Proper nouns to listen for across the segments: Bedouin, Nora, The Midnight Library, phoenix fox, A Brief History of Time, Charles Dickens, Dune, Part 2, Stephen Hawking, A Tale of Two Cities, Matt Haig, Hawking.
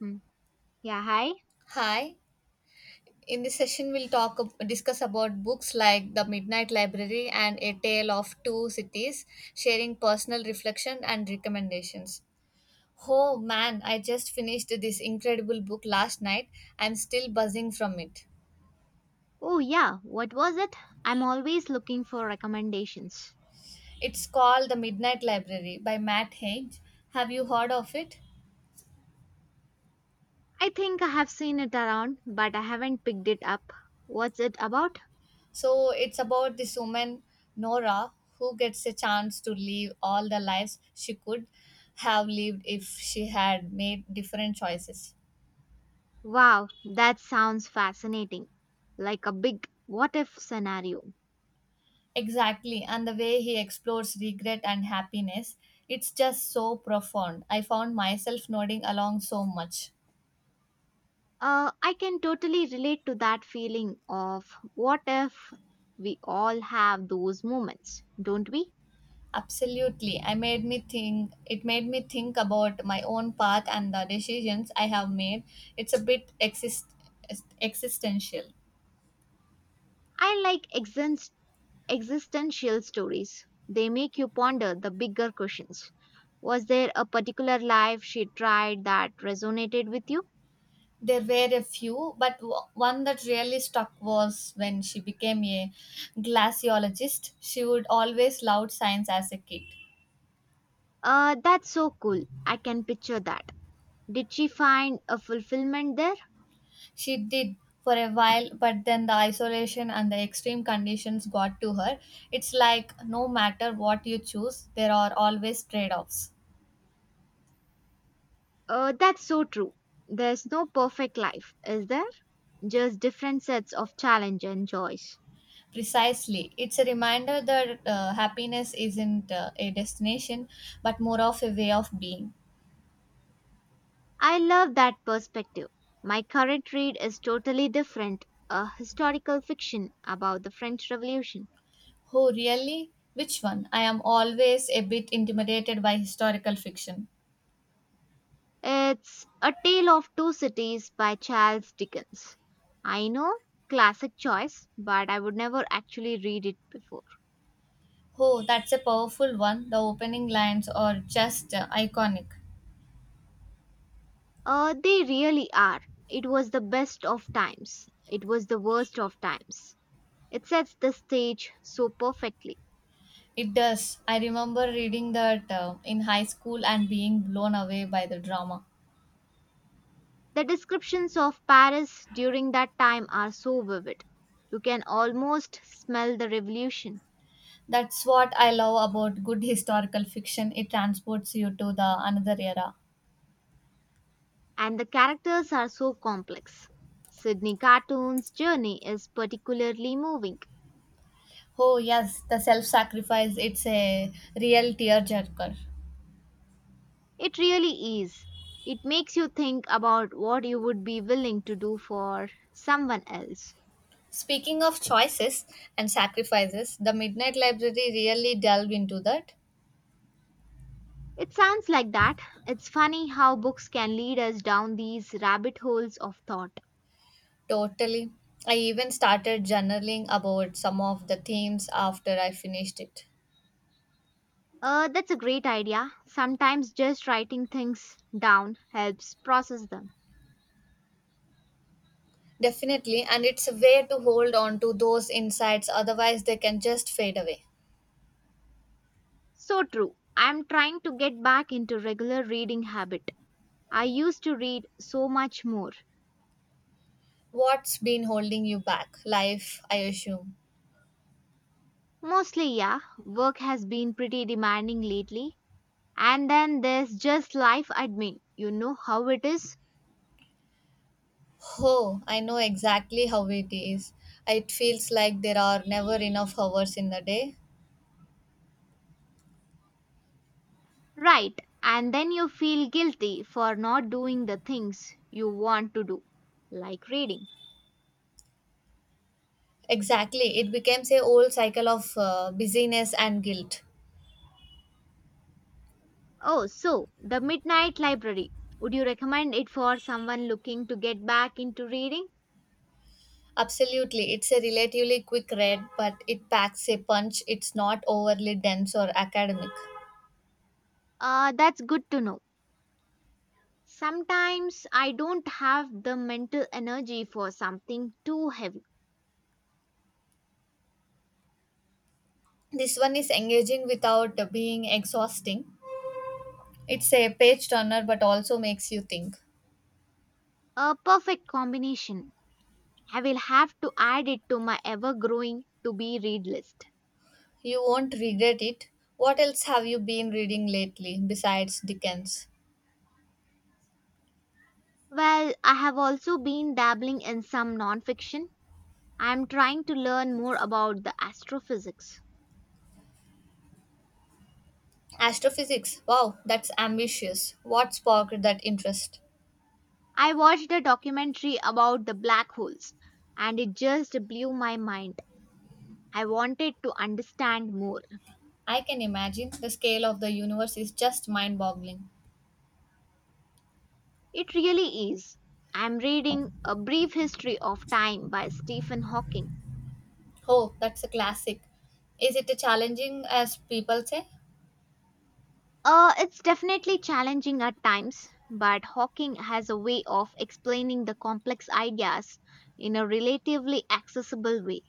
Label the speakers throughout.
Speaker 1: Hmm. Yeah, hi.
Speaker 2: Hi. In this session, we'll discuss about books like The Midnight Library and A Tale of Two Cities, sharing personal reflection and recommendations. Oh man, I just finished this incredible book last night. I'm still buzzing from it.
Speaker 1: Oh, yeah. What was it? I'm always looking for recommendations.
Speaker 2: It's called The Midnight Library by Matt Haig. Have you heard of it?
Speaker 1: I think I have seen it around, but I haven't picked it up. What's it about?
Speaker 2: So it's about this woman, Nora, who gets a chance to live all the lives she could have lived if she had made different choices.
Speaker 1: Wow, that sounds fascinating. Like a big what if scenario.
Speaker 2: Exactly, and the way he explores regret and happiness, it's just so profound. I found myself nodding along so much.
Speaker 1: I can totally relate to that feeling of what if, we all have those moments, don't we?
Speaker 2: Absolutely. I made me think it made me think about my own path and the decisions I have made. It's a bit existential.
Speaker 1: I like existential stories. They make you ponder the bigger questions. Was there a particular life she tried that resonated with you?
Speaker 2: There were a few, but one that really stuck was when she became a glaciologist. She would always loved science as a kid.
Speaker 1: That's so cool. I can picture that. Did she find a fulfillment there?
Speaker 2: She did for a while, but then the isolation and the extreme conditions got to her. It's like no matter what you choose, there are always trade offs.
Speaker 1: That's so true. There's no perfect life, is there? Just different sets of challenge and joys.
Speaker 2: Precisely. It's a reminder that happiness isn't a destination, but more of a way of being.
Speaker 1: I love that perspective. My current read is totally different, a historical fiction about the French Revolution.
Speaker 2: Oh, really? Which one? I am always a bit intimidated by historical fiction.
Speaker 1: It's A Tale of Two Cities by Charles Dickens. I know, classic choice, but I would never actually read it before.
Speaker 2: Oh, that's a powerful one. The opening lines are just iconic.
Speaker 1: They really are. It was the best of times. It was the worst of times. It sets the stage so perfectly.
Speaker 2: It does. I remember reading that in high school and being blown away by the drama.
Speaker 1: The descriptions of Paris during that time are so vivid. You can almost smell the revolution,
Speaker 2: That's what I love about good historical fiction. It transports you to the another era.
Speaker 1: and the characters are so complex. Sydney Cartoon's journey is particularly moving.
Speaker 2: Oh, yes, the self-sacrifice. It's a real tearjerker.
Speaker 1: It really is. It makes you think about what you would be willing to do for someone else.
Speaker 2: Speaking of choices and sacrifices, the Midnight Library really delved into that.
Speaker 1: It sounds like that. It's funny how books can lead us down these rabbit holes of thought.
Speaker 2: Totally. I even started journaling about some of the themes after I finished it.
Speaker 1: That's a great idea. Sometimes just writing things down helps process them.
Speaker 2: Definitely, and it's a way to hold on to those insights, otherwise, they can just fade away.
Speaker 1: So true. I'm trying to get back into regular reading habit. I used to read so much more.
Speaker 2: What's been holding you back? Life, I assume.
Speaker 1: Mostly, yeah, work has been pretty demanding lately. And then there's just life admin. You know how it is?
Speaker 2: Oh, I know exactly how it is. It feels like there are never enough hours in the day.
Speaker 1: Right. And then you feel guilty for not doing the things you want to do, like reading.
Speaker 2: Exactly. It becomes a old cycle of busyness and guilt.
Speaker 1: Oh, so the Midnight Library. Would you recommend it for someone looking to get back into reading?
Speaker 2: Absolutely. It's a relatively quick read, but it packs a punch. It's not overly dense or academic.
Speaker 1: That's good to know. Sometimes I don't have the mental energy for something too heavy.
Speaker 2: This one is engaging without being exhausting. It's a page turner, but also makes you think.
Speaker 1: A perfect combination. I will have to add it to my ever growing to be read list.
Speaker 2: You won't regret it. What else have you been reading lately besides Dickens?
Speaker 1: Well, I have also been dabbling in some nonfiction. I am trying to learn more about the astrophysics.
Speaker 2: Astrophysics. Wow, that's ambitious. What sparked that interest?
Speaker 1: I watched a documentary about the black holes and it just blew my mind. I wanted to understand more.
Speaker 2: I can imagine the scale of the universe is just mind boggling.
Speaker 1: It really is. I'm reading A Brief History of Time by Stephen Hawking.
Speaker 2: Oh, that's a classic. Is it challenging as people say?
Speaker 1: It's definitely challenging at times, but Hawking has a way of explaining the complex ideas in a relatively accessible way.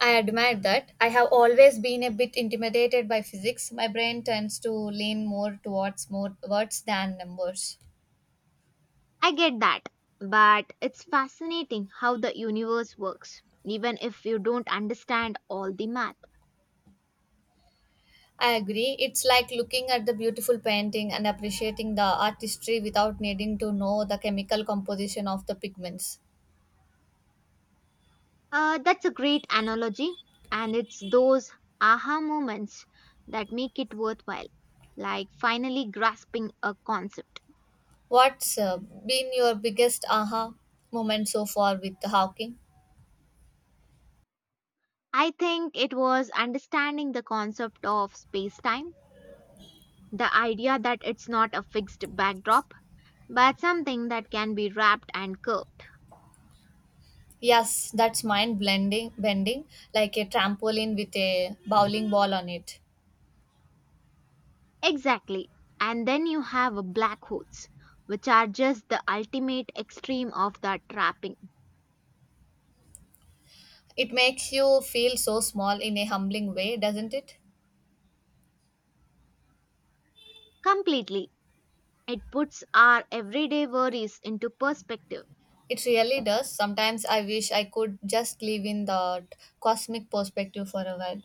Speaker 2: I admire that. I have always been a bit intimidated by physics. My brain tends to lean more towards more words than numbers.
Speaker 1: I get that, but it's fascinating how the universe works, even if you don't understand all the math.
Speaker 2: I agree. It's like looking at the beautiful painting and appreciating the artistry without needing to know the chemical composition of the pigments.
Speaker 1: That's a great analogy, and it's those aha moments that make it worthwhile, like finally grasping a concept.
Speaker 2: What's been your biggest aha moment so far with Hawking?
Speaker 1: I think it was understanding the concept of space time, the idea that it's not a fixed backdrop, but something that can be wrapped and curved.
Speaker 2: Yes, that's mind blending bending like a trampoline with a bowling ball on it.
Speaker 1: Exactly. And then you have a black holes, which are just the ultimate extreme of that trapping.
Speaker 2: It makes you feel so small in a humbling way, doesn't it?
Speaker 1: Completely. It puts our everyday worries into perspective.
Speaker 2: It really does. Sometimes I wish I could just live in that cosmic perspective for a while.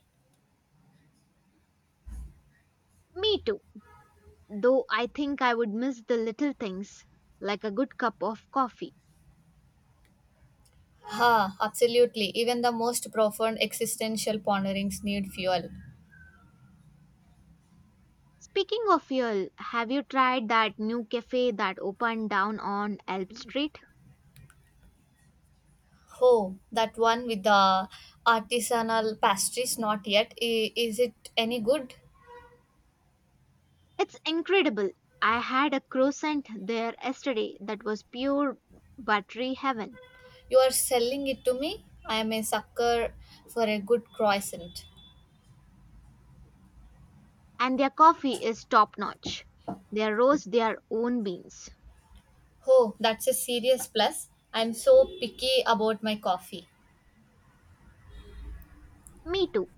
Speaker 1: Me too. Though I think I would miss the little things, like a good cup of coffee.
Speaker 2: Ha, absolutely. Even the most profound existential ponderings need fuel.
Speaker 1: Speaking of fuel, have you tried that new cafe that opened down on Elm Street?
Speaker 2: Oh, that one with the artisanal pastries, not yet. Is it any good?
Speaker 1: It's incredible. I had a croissant there yesterday that was pure buttery heaven.
Speaker 2: You are selling it to me? I am a sucker for a good croissant.
Speaker 1: And their coffee is top notch. They roast their own beans.
Speaker 2: Oh, that's a serious plus. I'm so picky about my coffee.
Speaker 1: Me too.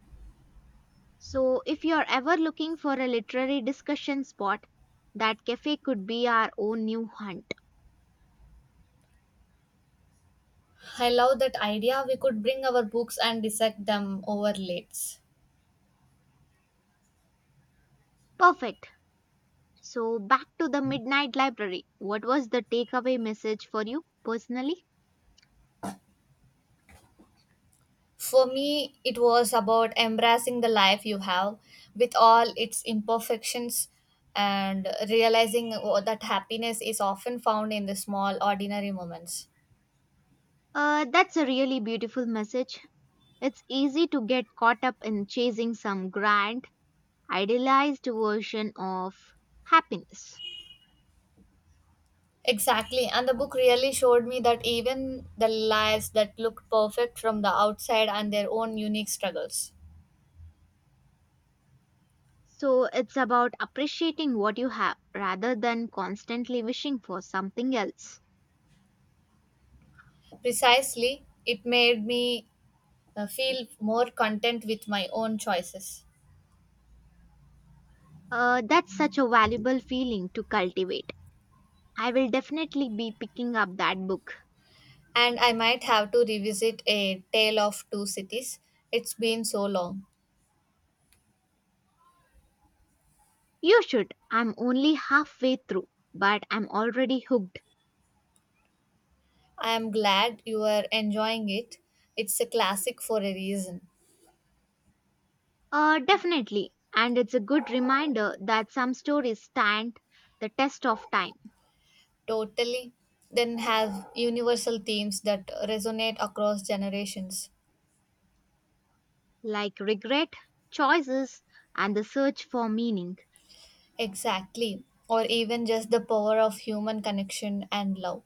Speaker 1: So, if you're ever looking for a literary discussion spot, that cafe could be our own new hunt.
Speaker 2: I love that idea. We could bring our books and dissect them over lates.
Speaker 1: Perfect. So, back to the Midnight Library. What was the takeaway message for you personally?
Speaker 2: For me, it was about embracing the life you have with all its imperfections and realizing that happiness is often found in the small, ordinary moments.
Speaker 1: That's a really beautiful message. It's easy to get caught up in chasing some grand, idealized version of happiness.
Speaker 2: Exactly. And the book really showed me that even the lives that looked perfect from the outside and their own unique struggles.
Speaker 1: So it's about appreciating what you have rather than constantly wishing for something else.
Speaker 2: Precisely, it made me feel more content with my own choices.
Speaker 1: That's such a valuable feeling to cultivate. I will definitely be picking up that book.
Speaker 2: And I might have to revisit A Tale of Two Cities. It's been so long.
Speaker 1: You should. I'm only halfway through, but I'm already hooked.
Speaker 2: I am glad you are enjoying it. It's a classic for a reason.
Speaker 1: Definitely. And it's a good reminder that some stories stand the test of time,
Speaker 2: Totally. Then have universal themes that resonate across generations.
Speaker 1: like regret, choices, and the search for meaning.
Speaker 2: Exactly. Or even just the power of human connection and love.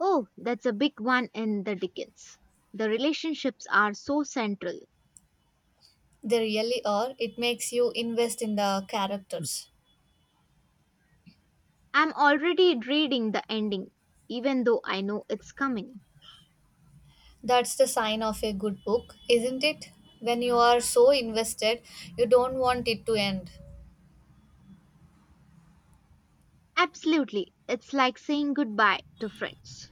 Speaker 1: Oh, that's a big one in the Dickens. The relationships are so central.
Speaker 2: They really are. It makes you invest in the characters.
Speaker 1: I'm already reading the ending, even though I know it's coming.
Speaker 2: That's the sign of a good book, isn't it? When you are so invested, you don't want it to end.
Speaker 1: Absolutely, it's like saying goodbye to friends.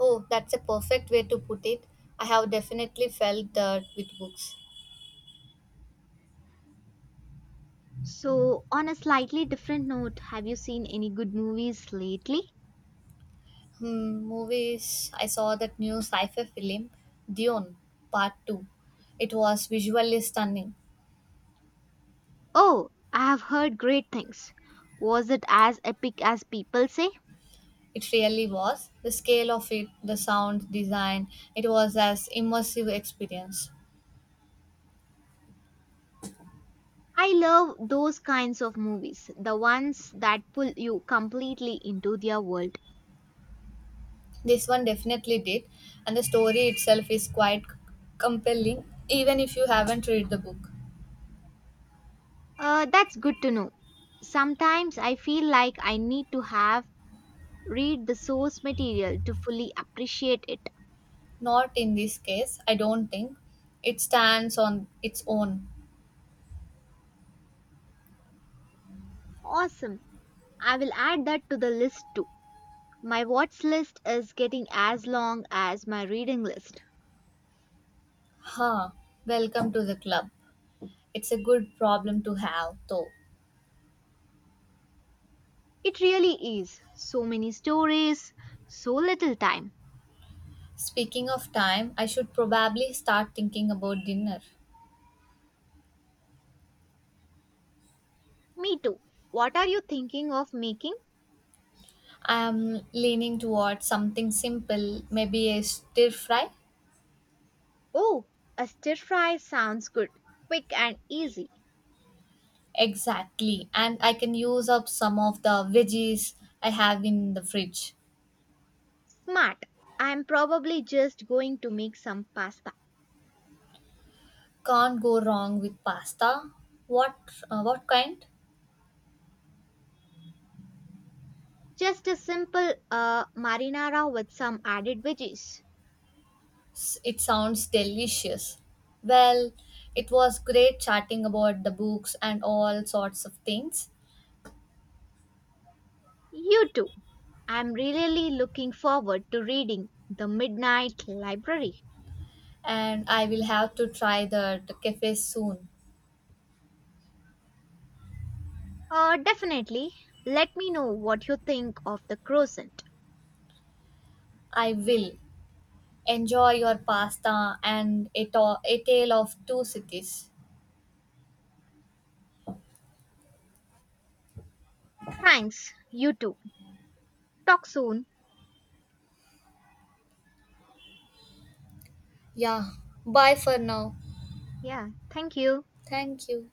Speaker 2: Oh, that's a perfect way to put it. I have definitely felt that with books.
Speaker 1: So, on a slightly different note, have you seen any good movies lately?
Speaker 2: Hmm, movies. I saw that new sci fi film, Dune, Part 2. It was visually stunning.
Speaker 1: Oh, I have heard great things. Was it as epic as people say?
Speaker 2: It really was. The scale of it, the sound design, it was as immersive experience.
Speaker 1: I love those kinds of movies, the ones that pull you completely into their world.
Speaker 2: This one definitely did, and the story itself is quite compelling, even if you haven't read the book.
Speaker 1: That's good to know. Sometimes I feel like I need to have read the source material to fully appreciate it.
Speaker 2: Not in this case, I don't think. It stands on its own.
Speaker 1: Awesome. I will add that to the list too. My watch list is getting as long as my reading list.
Speaker 2: Huh. Welcome to the club. It's a good problem to have, though.
Speaker 1: It really is. So many stories, so little time.
Speaker 2: Speaking of time, I should probably start thinking about dinner.
Speaker 1: Me too. What are you thinking of making?
Speaker 2: I'm leaning towards something simple, maybe a stir fry.
Speaker 1: Oh, a stir fry sounds good. Quick and easy.
Speaker 2: Exactly. And I can use up some of the veggies I have in the fridge.
Speaker 1: Smart. I'm probably just going to make some pasta.
Speaker 2: Can't go wrong with pasta. What what kind?
Speaker 1: Just a simple marinara with some added veggies.
Speaker 2: It sounds delicious. Well, it was great chatting about the books and all sorts of things.
Speaker 1: You too. I'm really looking forward to reading The Midnight Library.
Speaker 2: And I will have to try the cafe soon.
Speaker 1: Definitely. Let me know what you think of the Crescent.
Speaker 2: I will. Enjoy your pasta and a tale of two cities.
Speaker 1: Thanks. You too. Talk soon.
Speaker 2: Yeah, bye for now.
Speaker 1: Yeah, thank you.
Speaker 2: Thank you.